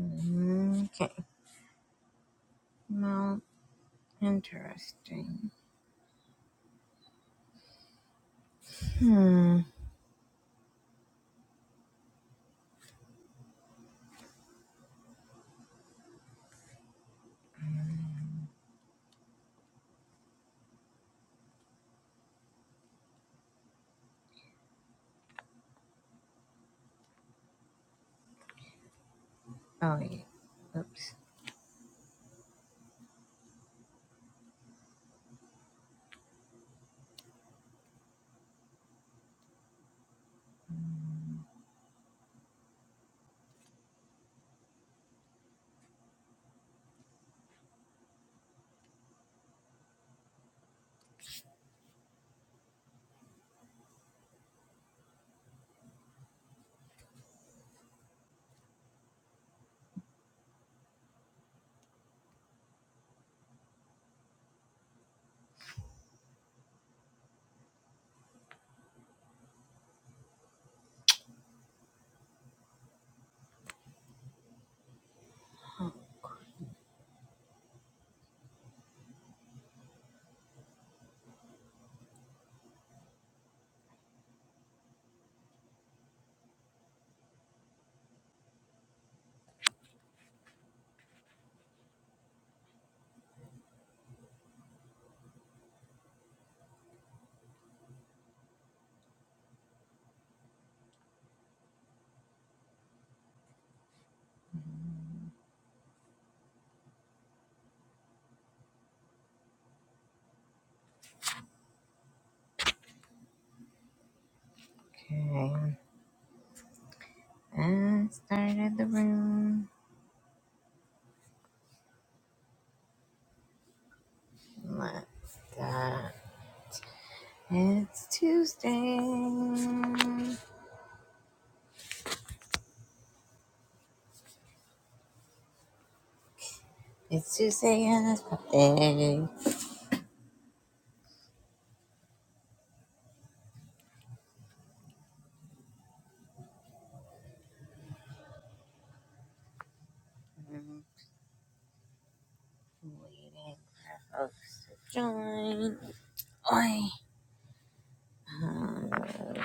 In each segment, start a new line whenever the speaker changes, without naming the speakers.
Mm-hmm. Okay. Well, interesting. Hmm. Oh, yeah. Oops. Okay. I started the room. Let's the? It's Tuesday. It's Tuesday and it's birthday. I'm waiting for folks to join. Oi. Uh,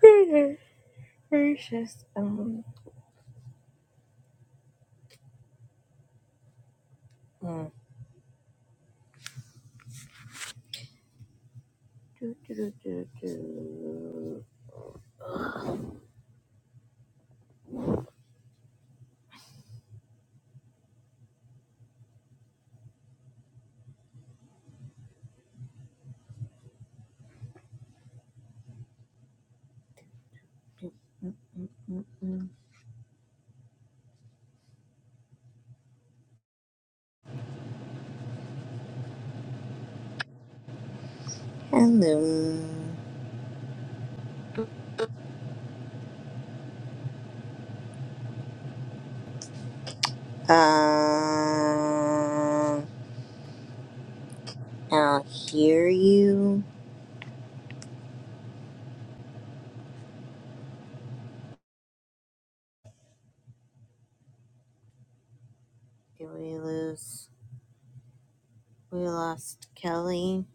goodness gracious. Um. mm. Do, do, do, do, do. Hello. Uh, I'll hear you. Did we lose? We lost Kelly.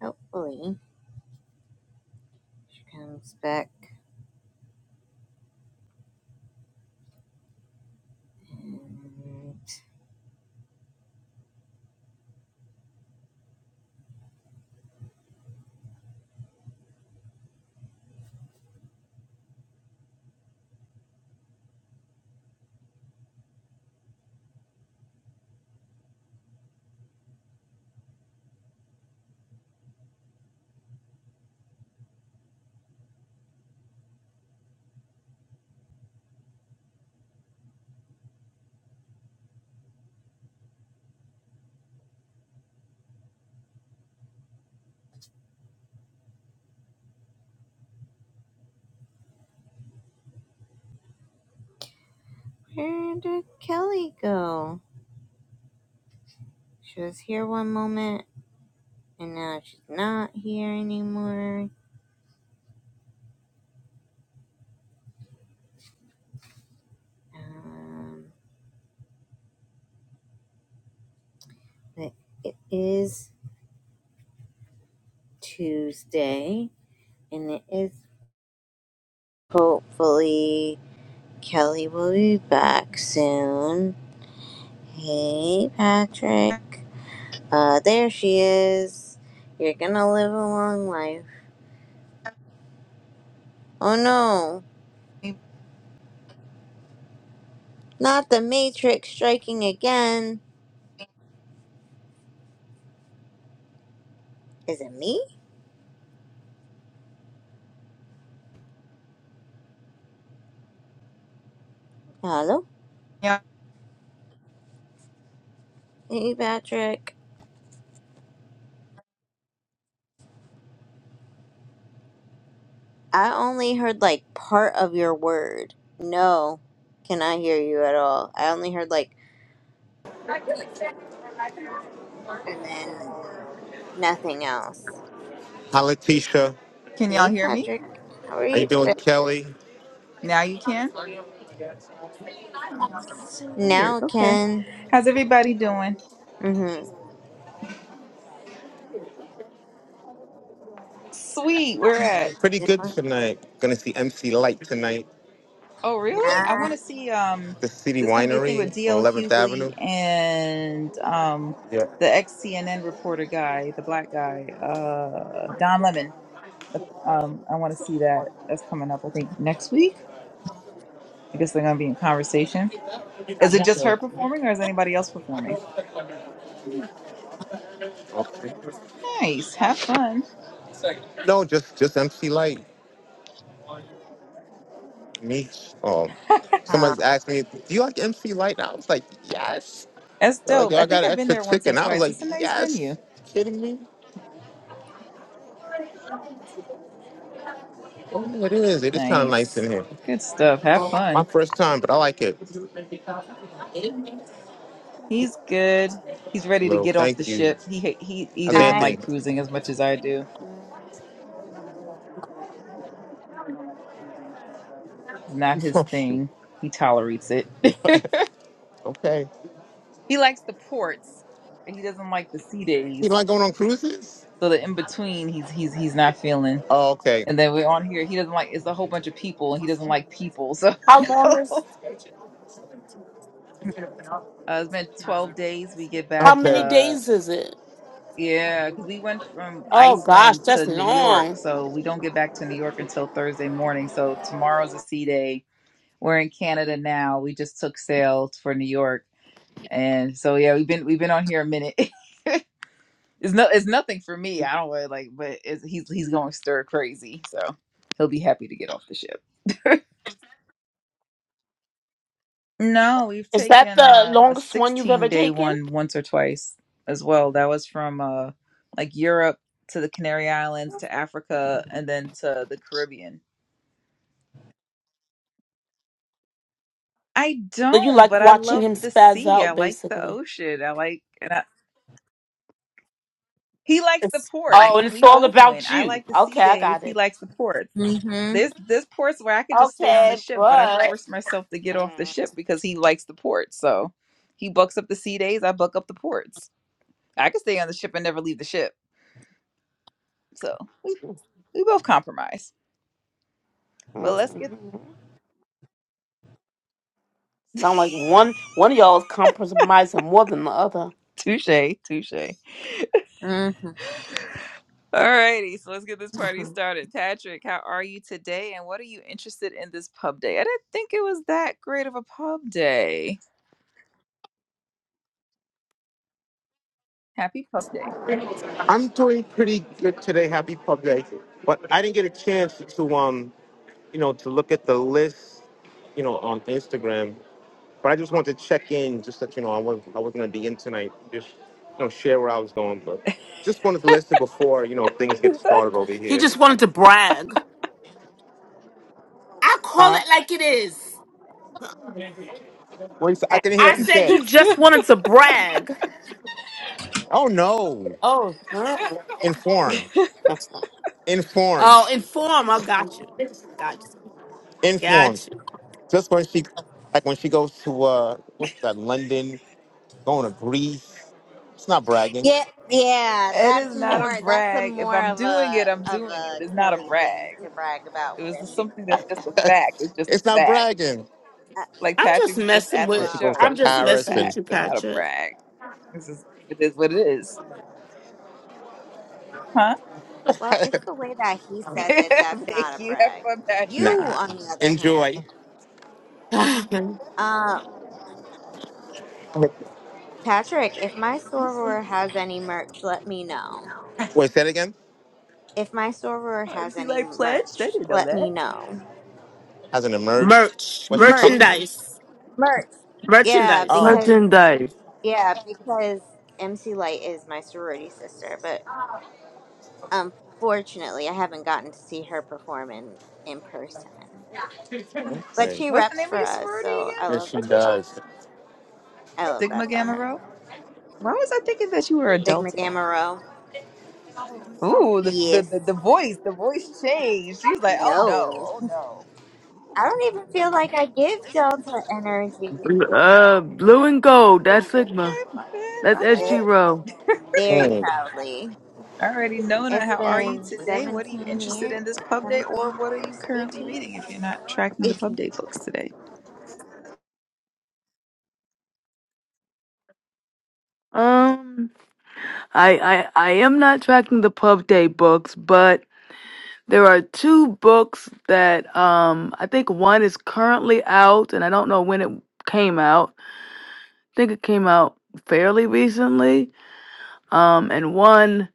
Hopefully, she comes back. And where did Kelly go? She was here one moment, and now she's not here anymore. Um, but it is Tuesday, and it is hopefully Kelly will be back soon. Hey, Patrick. Uh, there she is. You're gonna live a long life. Oh no,
Can
not the Matrix striking again. Is it me? Hello?
y'all
Hey, Patrick. I only heard like part of your word. No, cannot hear you at all. I only heard like, and then nothing else.
Hi, Letitia.
can y'all
Hey,
hear me?
Patrick. How are
How you
you
doing,
today?
Kelly?
Now you can? So weird.
Now,
Okay.
Ken.
How's everybody doing?
Mm-hmm.
Sweet. We're at
Pretty good tonight. Gonna see MC Light tonight.
Oh really? I
Now.
wanna see um
The City
there's gonna be a thing
Winery
with
on
DL
11th
Hughley
Avenue.
and um
Yeah.
the ex CNN reporter guy, the black guy, uh Don Lemon. Um I wanna see that. That's coming up I think next week. I guess they're gonna be in conversation. Is it just her performing or is anybody else performing?
Okay.
Nice. Have fun.
No, just just MC Light. Me. Um.
Uh,
Somebody asked me, "Do you like MC Light?" And I was like, "Yes."
That's
They're like,
dope. I
"Y'all
think
got an
I've been
extra
there once
ticket?"
or
And I was
twice.
like,
It's a nice venue.
"Yes." Kidding me? Oh, it is. It is kind of nice
Nice.
in here.
Good stuff. Have
My
fun.
first time, but I like it.
He's good. He's ready to
Well,
get off the
thank you.
ship. He ha- he he
How's
doesn't
I,
like
Anthony?
cruising as much as I do. It's not his
Oh, shoot.
thing. He tolerates it.
Okay.
he likes the ports. He doesn't like the sea
You
days.
like going on cruises?
So the in between, he's he's he's not feeling.
Oh, okay.
And then we're on here. He doesn't like. It's a whole bunch of people, and he doesn't like people. So
How long
uh,
is
it's been twelve days. We get
how
back.
many
Okay.
Uh,
days is it?
Yeah, because we went from
Oh gosh,
Iceland
that's
to New York,
long.
so we don't get back to New York until Thursday morning. So tomorrow's a sea day. We're in Canada now. We just took sail for New York, and so yeah, we've been we've been on here a minute. It's no, it's nothing for me. I don't really like, but it's, he's he's going stir crazy, so he'll be happy to get off the ship. No, we've
Is that
taken
the
a, a
longest one you've ever
16 day
taken?
one once or twice as well. That was from uh, like Europe to the Canary Islands to Africa and then to the Caribbean. I
So you
don't,
like
but I
watching
love
him
the
spaz
sea. I
out
like the
basically.
ocean. I like, and I, he likes the
It's
ports.
oh, and it's
We
all
both win.
about
I
you.
like the sea
Okay, I
days.
got
He
it.
likes the ports.
mm-hmm,
There's there's ports where I could just stay on the
Okay,
ship, but I
but
force myself to get off the ship because he likes the ports. So he bucks up the sea days. I buck up the ports. I could stay on the ship and never leave the ship. So we, we both compromise. But let's get
Mhm. sound like one one of y'all is compromising more than the other.
touche, touche.
mm-hmm.
Alrighty, so let's get this party
Mhm.
started. Patrick, how are you today, and what are you interested in this pub day? I didn't think it was that great of a pub day. Happy pub day.
I'm doing pretty good today. Happy Pub Day. But I didn't get a chance to um, you know, to look at the list, you know, on Instagram. But I just wanted to check in, just that you know, I was I was gonna be in tonight, just you know, share where I was going. But just wanted to listen before you know things get
it
started over
He just
here.
wanted to brag. I call
Huh?
it like it is.
Wait, so I
Uh,
can hear
I
what
But
you
said
said.
you just wanted to brag.
Oh no,
Oh. girl.
informed, informed,
Oh, inform. I got you. Got you.
informed.
Got you.
Just when she, like when she goes to uh, what's that? London, going to Greece. It's not bragging.
yeah, yeah, that's
is not a
more. That's a
brag. If
more
I'm
of
doing it,
a
I'm
of
doing it.
a
It's not a
Kelly thing
brag.
to brag about
It was
where
just
she
something that's
sits.
just a fact. It's just a
it's not
fact.
bragging.
Uh,
Like
I'm just
Patrick's just
messing
at the
When
with.
she
well,
goes
show.
to
I'm
It's
just
just a
Paris
messing
and
with
fact.
you,
It's not a
Patrick.
brag. It's just it is what it is. huh?
well, it's the way that he says it. That's not
Thank
a
you. Have
brag.
fun, Patrick.
You,
nah,
on the other hand,
enjoy.
uh, Patrick, if my soror has any merch, let me know.
Wait, say it again.
If my soror has
MC
any
Light pledged. I
merch,
didn't know
let me
that.
know.
Hasn't emerged.
Merch,
What she's coming?
Merch,
merchandise,
merch. Yeah,
merchandise.
Oh,
because
Merchandise.
Yeah, because MC Light is my sorority sister, but unfortunately, I haven't gotten to see her perform in in person.
Thanks.
But
okay.
she
What's the
reps
name of
for
your
us,
sorority
so I
again,
Yes,
love
she
that about her.
Letitia?
does.
I love that
Sigma
about
Gamma
her.
Rho. Why was I thinking that you were a
Sigma
Delta?
Gamma Rho.
Ooh, the the
Yes.
the, the voice, the voice changed. She was like, "Oh no,
No.
oh no."
I don't even feel like I give Delta energy.
Bl- Uh, blue and gold. That's Sigma.
Okay, my bad,
That's
my bad.
SG
Yep.
Row.
Very
Hmm.
proudly.
Alrighty, Nona,
It's
how are you
been
today? What are you
17
interested
years.
in this pub day, or
17
what are you
years?
currently
18?
reading if you're not tracking the pub day books today?
Um, I, I, I am not tracking the Pub Day books, but there are two books that, um, I think one is currently out and I don't know when it came out. I think it came out fairly recently. Um, and one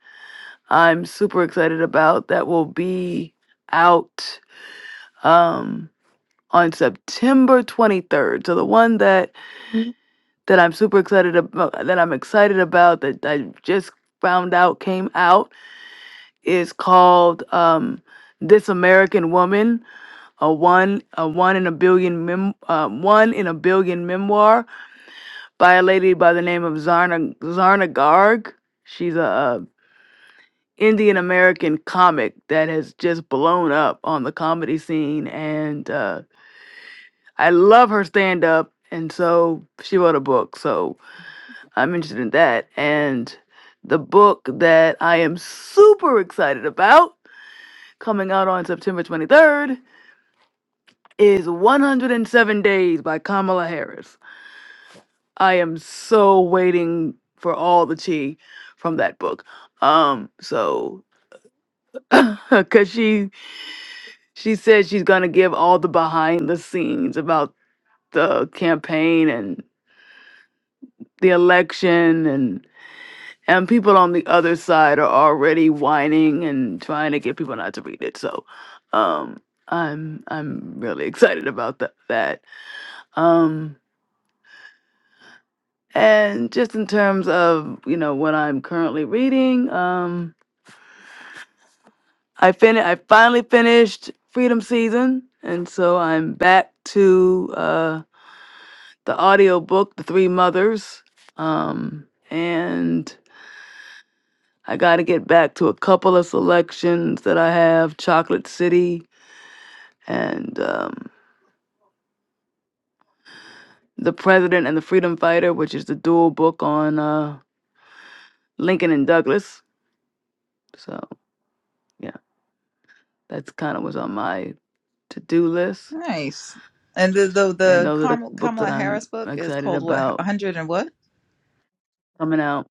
I'm super excited about that will be out, um, on September 23rd. So the one that that I'm super excited about, that I'm excited about, that I just found out came out is called um, "This American Woman: A One A One in a Billion Mem- uh, One in a Billion Memoir" by a lady by the name of Zarna Zarna Garg. She's a, uh Indian American comic that has just blown up on the comedy scene, and uh, I love her stand up. And so she wrote a book. So I'm interested in that. And the book that I am super excited about coming out on September 23rd is 107 Days by Kamala Harris. I am so waiting for all the tea from that book. Um so cuz she she said she's going to give all the behind the scenes about the campaign and the election and. and people on the other side are already whining and trying to get people not to read it. So, um, I'm I'm really excited about that. That um, and just in terms of you know what I'm currently reading, um, I fin I finally finished Freedom Season, and so I'm back to uh, the audio book, The Three Mothers, um, and. I got to get back to a couple of selections that I have. Chocolate City, and um, The President and the Freedom Fighter, which is the dual book on uh, Lincoln and Douglas. So, yeah, that's kind of what's on my to do list.
Nice. And the the,
And
the
those are the
Kamala,
books that
Kamala Harris
I'm
book is
excited
called what? A
about
hundred and what?
coming out.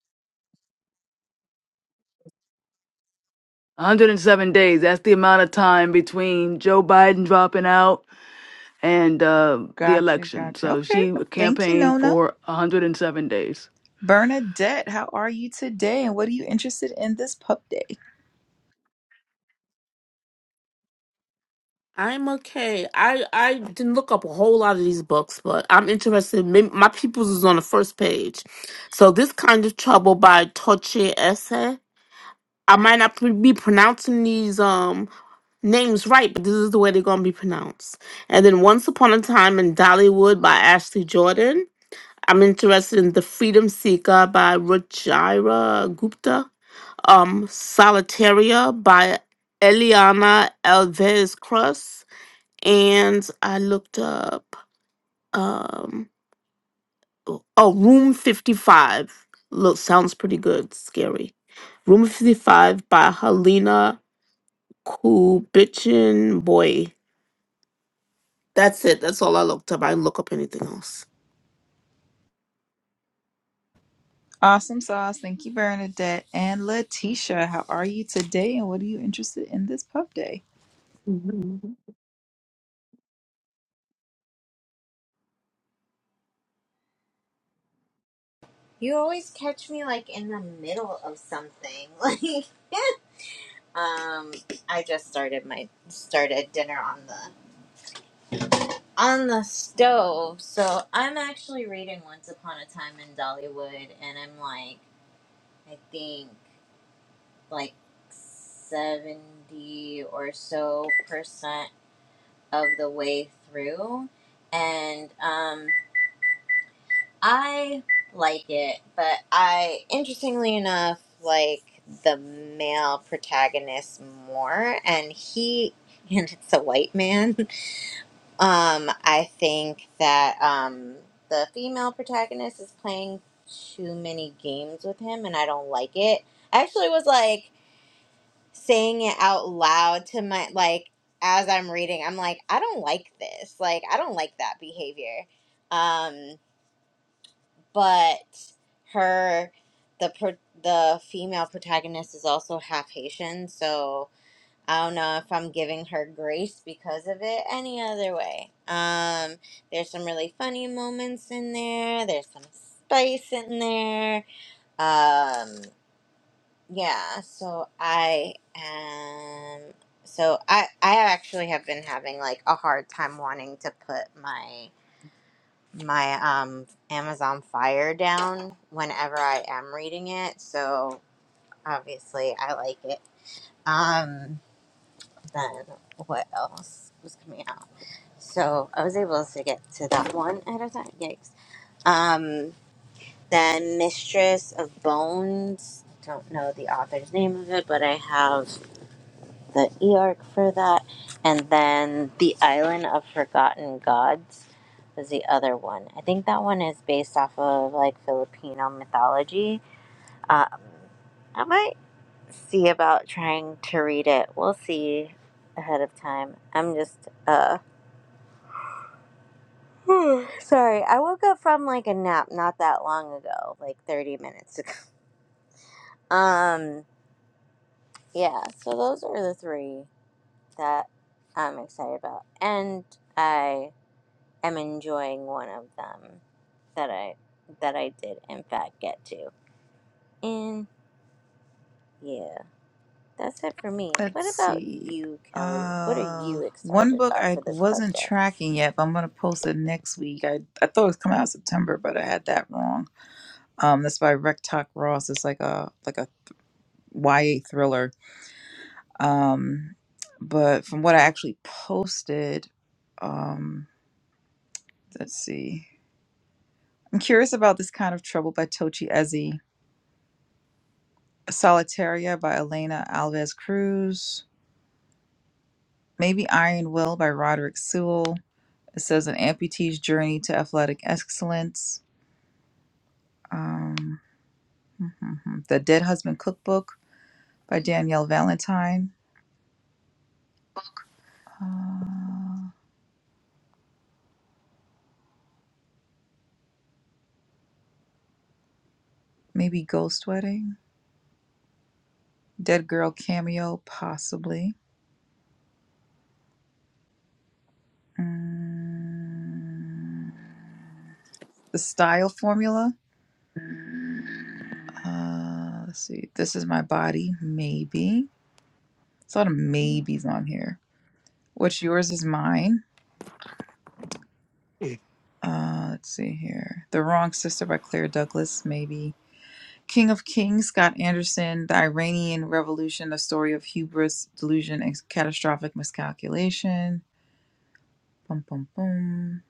107 days. That's the amount of time between Joe Biden dropping out and uh, the
Gotcha,
election.
gotcha.
So
Okay,
she
thank you,
campaigned
Nona.
for 107 days.
Bernadette, how are you today, and what are you interested in this pub day?
I'm okay. I I didn't look up a whole lot of these books, but I'm interested. Maybe my people's is on the first page. So this kind of trouble by Toche Esse. I might not be pronouncing these. Um, names right, but this is the way they're gonna be pronounced. And then Once Upon a Time in Dollywood by Ashley Jordan. I'm interested in The Freedom Seeker by Ruchira Gupta. Um, Solitaria by Eliana Alves Cruz. And I looked up um oh Room 55. Look, sounds pretty good, scary. Room 55 by Helena Kubichin Boy. That's it. That's all I looked up. I didn't look up anything else.
Awesome sauce. Thank you, Bernadette. And Letitia, how are you today, and what are you interested in this pub day?
Mhm.
You always catch me like in the middle of something. Like um I just started my started dinner on the on the stove. So I'm actually reading Once Upon a Time in Dollywood and I'm like I think like 70 or so percent of the way through and um I like it, but I interestingly enough like the male protagonist more and he and it's a white man. Um I think that um the female protagonist is playing too many games with him and I don't like it. I actually was like saying it out loud to my like as I'm reading. I'm like I don't like this. Like I don't like that behavior. Um but her the pro- the female protagonist is also half Haitian, so I don't know if I'm giving her grace because of it any other way. Um there's some really funny moments in there. There's some spice in there. Um yeah, so I am so I I actually have been having like a hard time wanting to put my my um Amazon Fire down whenever I am reading it, so obviously I like it. Um then what else was coming out? So I was able to get to that one ahead of time. Yikes. Um then Mistress of Bones. Don't know the author's name of it, but I have the Eorc for that. And then the Island of Forgotten Gods was the other one. I think that one is based off of like Filipino mythology. Um, I might see about trying to read it. We'll see ahead of time. I'm just uh sorry. I woke up from like a nap not that long ago, like 30 minutes ago. Um yeah, so those are the three that I'm excited about. And I am enjoying one of them that I that I did in fact get to. And yeah, that's it for me.
Let's
What about
see.
you, Kelly? What are
Uh,
you
one
excited
book
about
I
for this pub
wasn't
day?
tracking yet, but I'm gonna post it next week. I, I thought it was coming out in September, but I had that wrong. Um, that's by Rectock Ross. It's like a like a YA thriller. Um, but from what I actually posted, um, let's see. I'm curious about this kind of trouble by Tochi Ezzy. Solitaria by Elena Alves Cruz. Maybe Iron Will by Roderick Sewell. It says an amputee's journey to athletic excellence. Um, the Dead Husband Cookbook by Danielle Valentine. Uh, maybe Ghost Wedding. Dead Girl Cameo, possibly. Mm, the Style Formula. Uh, let's see. This is my body, maybe. It's a lot of maybes on here. What's yours is mine. Uh, let's see here. The Wrong Sister by Claire Douglas, maybe. King of Kings, Scott Anderson, The Iranian Revolution, A Story of Hubris, Delusion, and Catastrophic Miscalculation. Bum, bum, bum.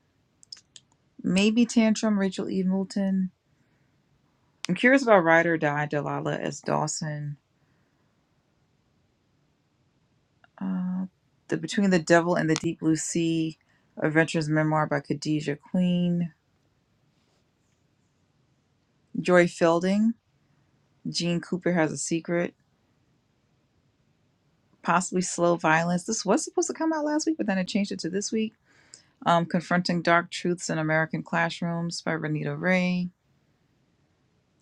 Maybe Tantrum, Rachel E. Moulton. I'm curious about Ride or Die, Delilah S. Dawson. Uh, the Between the Devil and the Deep Blue Sea, Adventures Memoir by Khadijah Queen. Joy Fielding, Gene Cooper Has a Secret. Possibly Slow Violence. This was supposed to come out last week, but then I changed it to this week. Um, Confronting Dark Truths in American Classrooms by Renita Ray.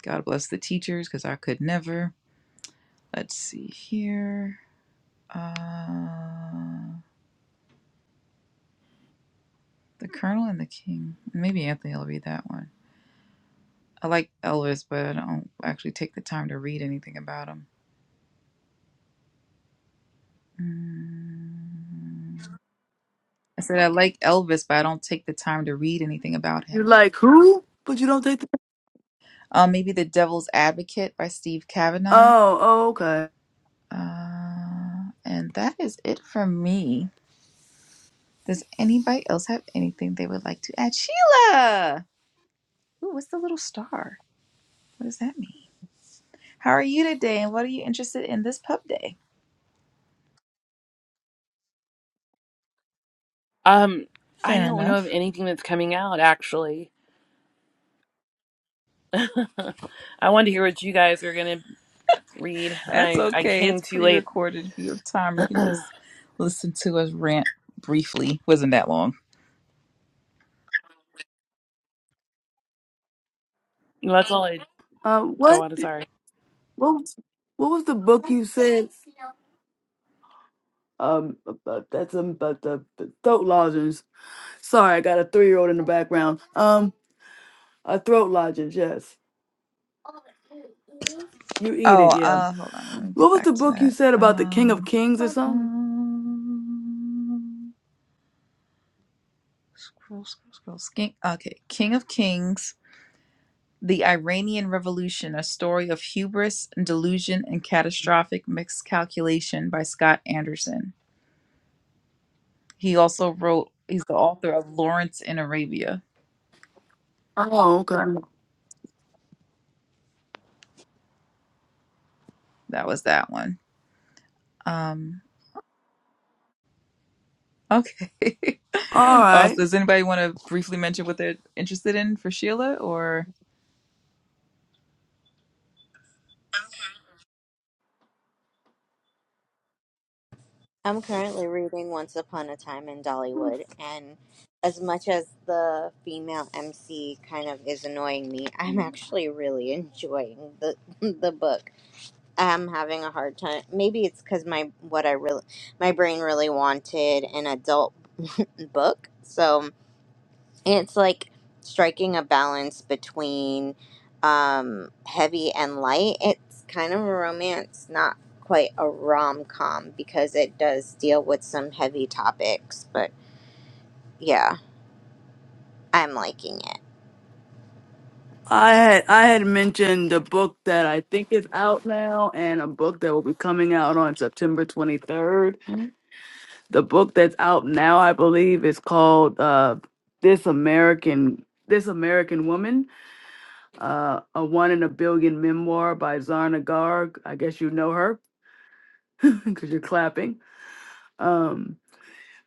God bless the teachers, because I could never. Let's see here. Uh, the Colonel and the King. Maybe Anthony will read that one. I like Elvis, but I don't actually take the time to read anything about him. Mm. I said I like Elvis, but I don't take the time to read anything about
You're
him.
like, who? But you don't take the.
Um, maybe The Devil's Advocate by Steve Kavanaugh.
Oh, oh okay.
Uh, and that is it from me. Does anybody else have anything they would like to add? Sheila! Ooh, what's the little star? What does that mean? How are you today and what are you interested in this pub day?
Um, I
Fair
don't know of
enough.
anything that's coming out actually. I wanted to hear what you guys are gonna read, and
That's
I I
okay.
came
It's
too
pre
late.
recorded. If you have time, you can just listen to us rant briefly. Wasn't that long.
That's all I
Uh, what?
go on. Sorry,
What was- what was the book you said? Um, about, that's um, about the, the throat lozenges. Sorry, I got a three year old in the background. Um, a throat lozenge. Yes, you eat
Oh,
it. Yeah.
uh, hold on. Let me
What
get
was the
back to
book you
that.
said about the King of
Um,
Kings or something?
ba-ba-bum. scroll, scroll, scroll. Skink. Okay. King of Kings The Iranian Revolution: A Story of Hubris, Delusion, and Catastrophic Miscalculation by Scott Anderson. He also wrote. He's the author of Lawrence in Arabia.
Oh, okay.
That was that one. Um, okay.
All right.
awesome. Does anybody want to briefly mention what they're interested in for Sheila? Or
I'm currently reading Once Upon a Time in Dollywood and as much as the female MC kind of is annoying me, I'm actually really enjoying the the book. I'm having a hard time. Maybe it's cuz my what I really my brain really wanted an adult book. So it's like striking a balance between um, heavy and light. It's kind of a romance, not quite a rom com because it does deal with some heavy topics. But yeah, I'm liking it
I had I had mentioned a book that I think is out now, and a book that will be coming out on September 23rd. the book that's out now, I believe, is called uh, "This American This American Woman," uh, a one in a billion memoir by Zarna Garg. I guess you know her because you're clapping. Um,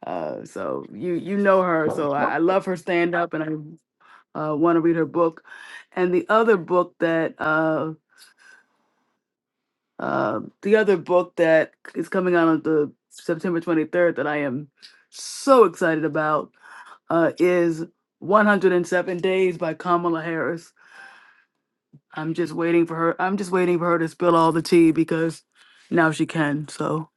uh, so you you know her. So I, I love her stand up, and I uh, want to read her book. And the other book that uh, uh, the other book that is coming out on the September 23rd that I am so excited about uh, is 107 Days by Kamala Harris. I'm just waiting for her. I'm just waiting for her to spill all the tea because now she can. So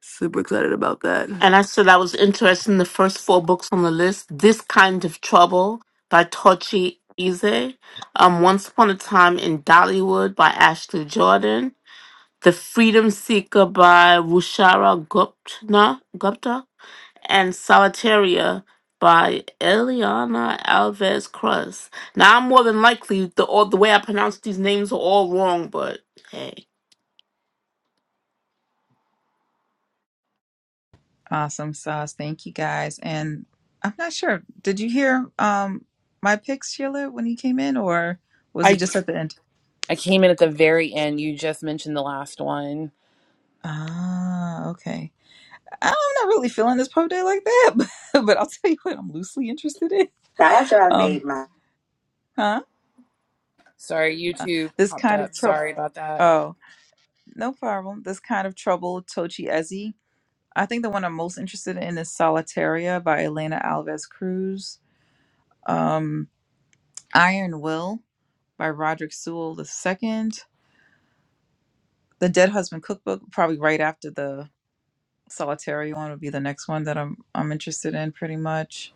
super excited about that.
And I said I was interested in the first four books on the list This Kind of Trouble by Tochi Ize, um, Once Upon a Time in Dollywood by Ashley Jordan, The Freedom Seeker by Rushara Gupta, Gupta and Solitaria by Eliana Alves Cruz. Now, I'm more than likely, the, all, the way I pronounce these names are all wrong, but hey.
awesome sauce. Thank you guys. And I'm not sure. Did you hear um my picks, Sheila, when you came in, or was it
I
just at the end?
I came in at the very end. You just mentioned the last one.
Ah, okay. I'm not really feeling this pro day like that, but, but I'll tell you what I'm loosely interested in.
Now, after I made
Um,
my
huh?
Sorry, YouTube
This
popped
kind of
up.
trouble.
Sorry about that.
Oh, no problem. This kind of trouble, Tochi Ezzy. I think the one I'm most interested in is Solitaria by Elena Alves Cruz. Um, Iron Will by Roderick Sewell the second. The Dead Husband Cookbook, probably right after the Solitaria one, would be the next one that I'm I'm interested in, pretty much.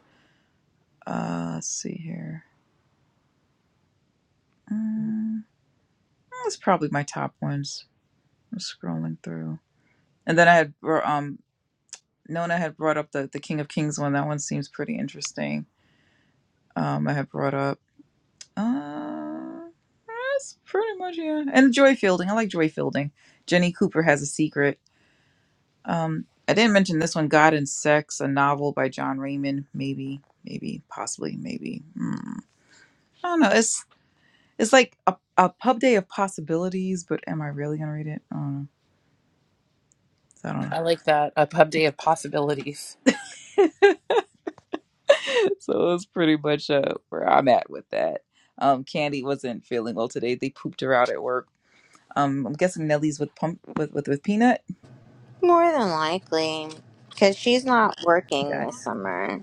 Uh, let's see here. Mm, that's probably my top ones. I'm scrolling through. And then I had br- um Nona had brought up the the King of Kings one. That one seems pretty interesting. Um I had brought up uh that's pretty much yeah. And Joy Fielding. I like Joy Fielding. Jenny Cooper has a secret. Um I didn't mention this one, God and Sex, a novel by John Raymond. Maybe, maybe, possibly, maybe. Hmm. I don't know. It's it's like a, a pub day of possibilities, but am I really gonna read it? I don't know. So I don't know.
I like that a pub day of possibilities.
so it's pretty much uh, where I'm at with that. Um, Candy wasn't feeling well today. They pooped her out at work. Um, I'm guessing Nellie's with pump with with, with peanut.
more than likely because she's not working
Got it.
this summer.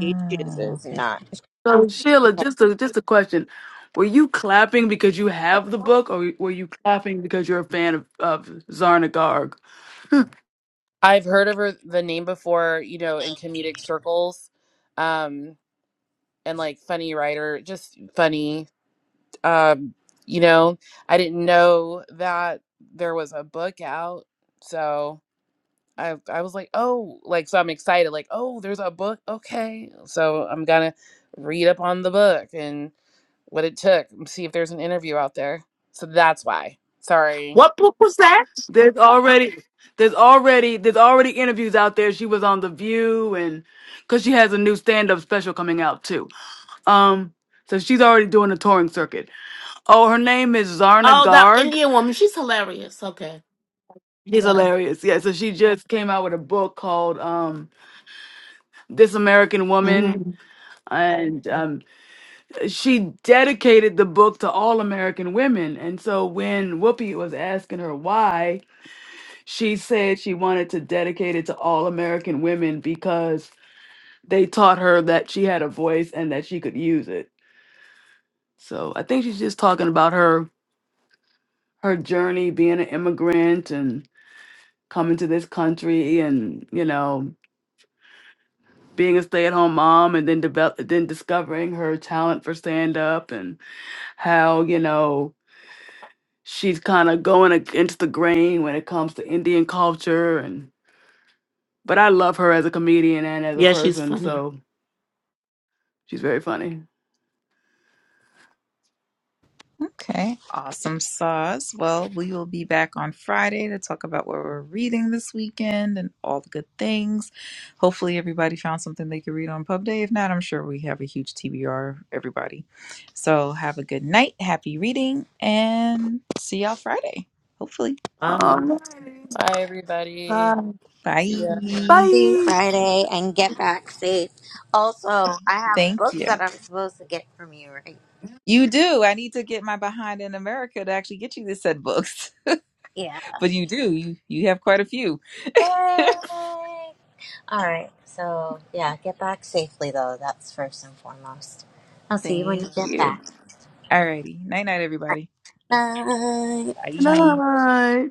She chooses
okay,
not. She
So
chooses
Sheila,
to
just a just a question: Were you clapping because you have the book, or were you clapping because you're a fan of, of Zarna Garg?
I've heard of her the name before, you know, in comedic circles, um, and like funny writer, just funny. um, you know, I didn't know that there was a book out, so I I was like, oh, like so I'm excited, like oh, there's a book, okay, so I'm gonna read up on the book and what it took, and see if there's an interview out there. So that's why. Sorry.
What book was that?
There's already there's already there's already interviews out there. She was on The View, and because she has a new stand up special coming out too. Um, so she's already doing a touring circuit. Oh, her name is Zarna
Oh, that
Garg.
Indian woman. She's hilarious. Okay.
She's
Yeah.
hilarious. Yeah, so she just came out with a book called um, This American Woman.
hmm
And um, she dedicated the book to all American women. And so when Whoopi was asking her why, she said she wanted to dedicate it to all American women because they taught her that she had a voice and that she could use it. So I think she's just talking about her her journey being an immigrant and coming to this country and you know being a stay-at-home mom and then develop then discovering her talent for stand-up and how you know she's kind of going against the grain when it comes to indian culture and but i love her as a comedian and as a
Yeah, she's
person
funny.
so she's very funny
okay, awesome sauce. Well, we will be back on Friday to talk about what we're reading this weekend and all the good things. Hopefully, everybody found something they could read on Pub Day. If not, I'm sure we have a huge TBR. Everybody, so have a good night, happy reading, and see y'all Friday. Hopefully.
Wow.
Alright,
Bye, everybody.
bye
See
Bye.
ya.
see
bye
Friday and get back safe. Also, I have
Thank
books
you.
that I'm supposed to get from you, right?
You do. I need to get my behind in America to actually get you this set of books.
Yeah.
But you do. You you have quite a few.
Yay! All right. So, yeah, get back safely, though. That's first and foremost. I'll see you when you
Thank
get
you.
back.
Alrighty. Night night everybody.
Bye.
good
Bye.
night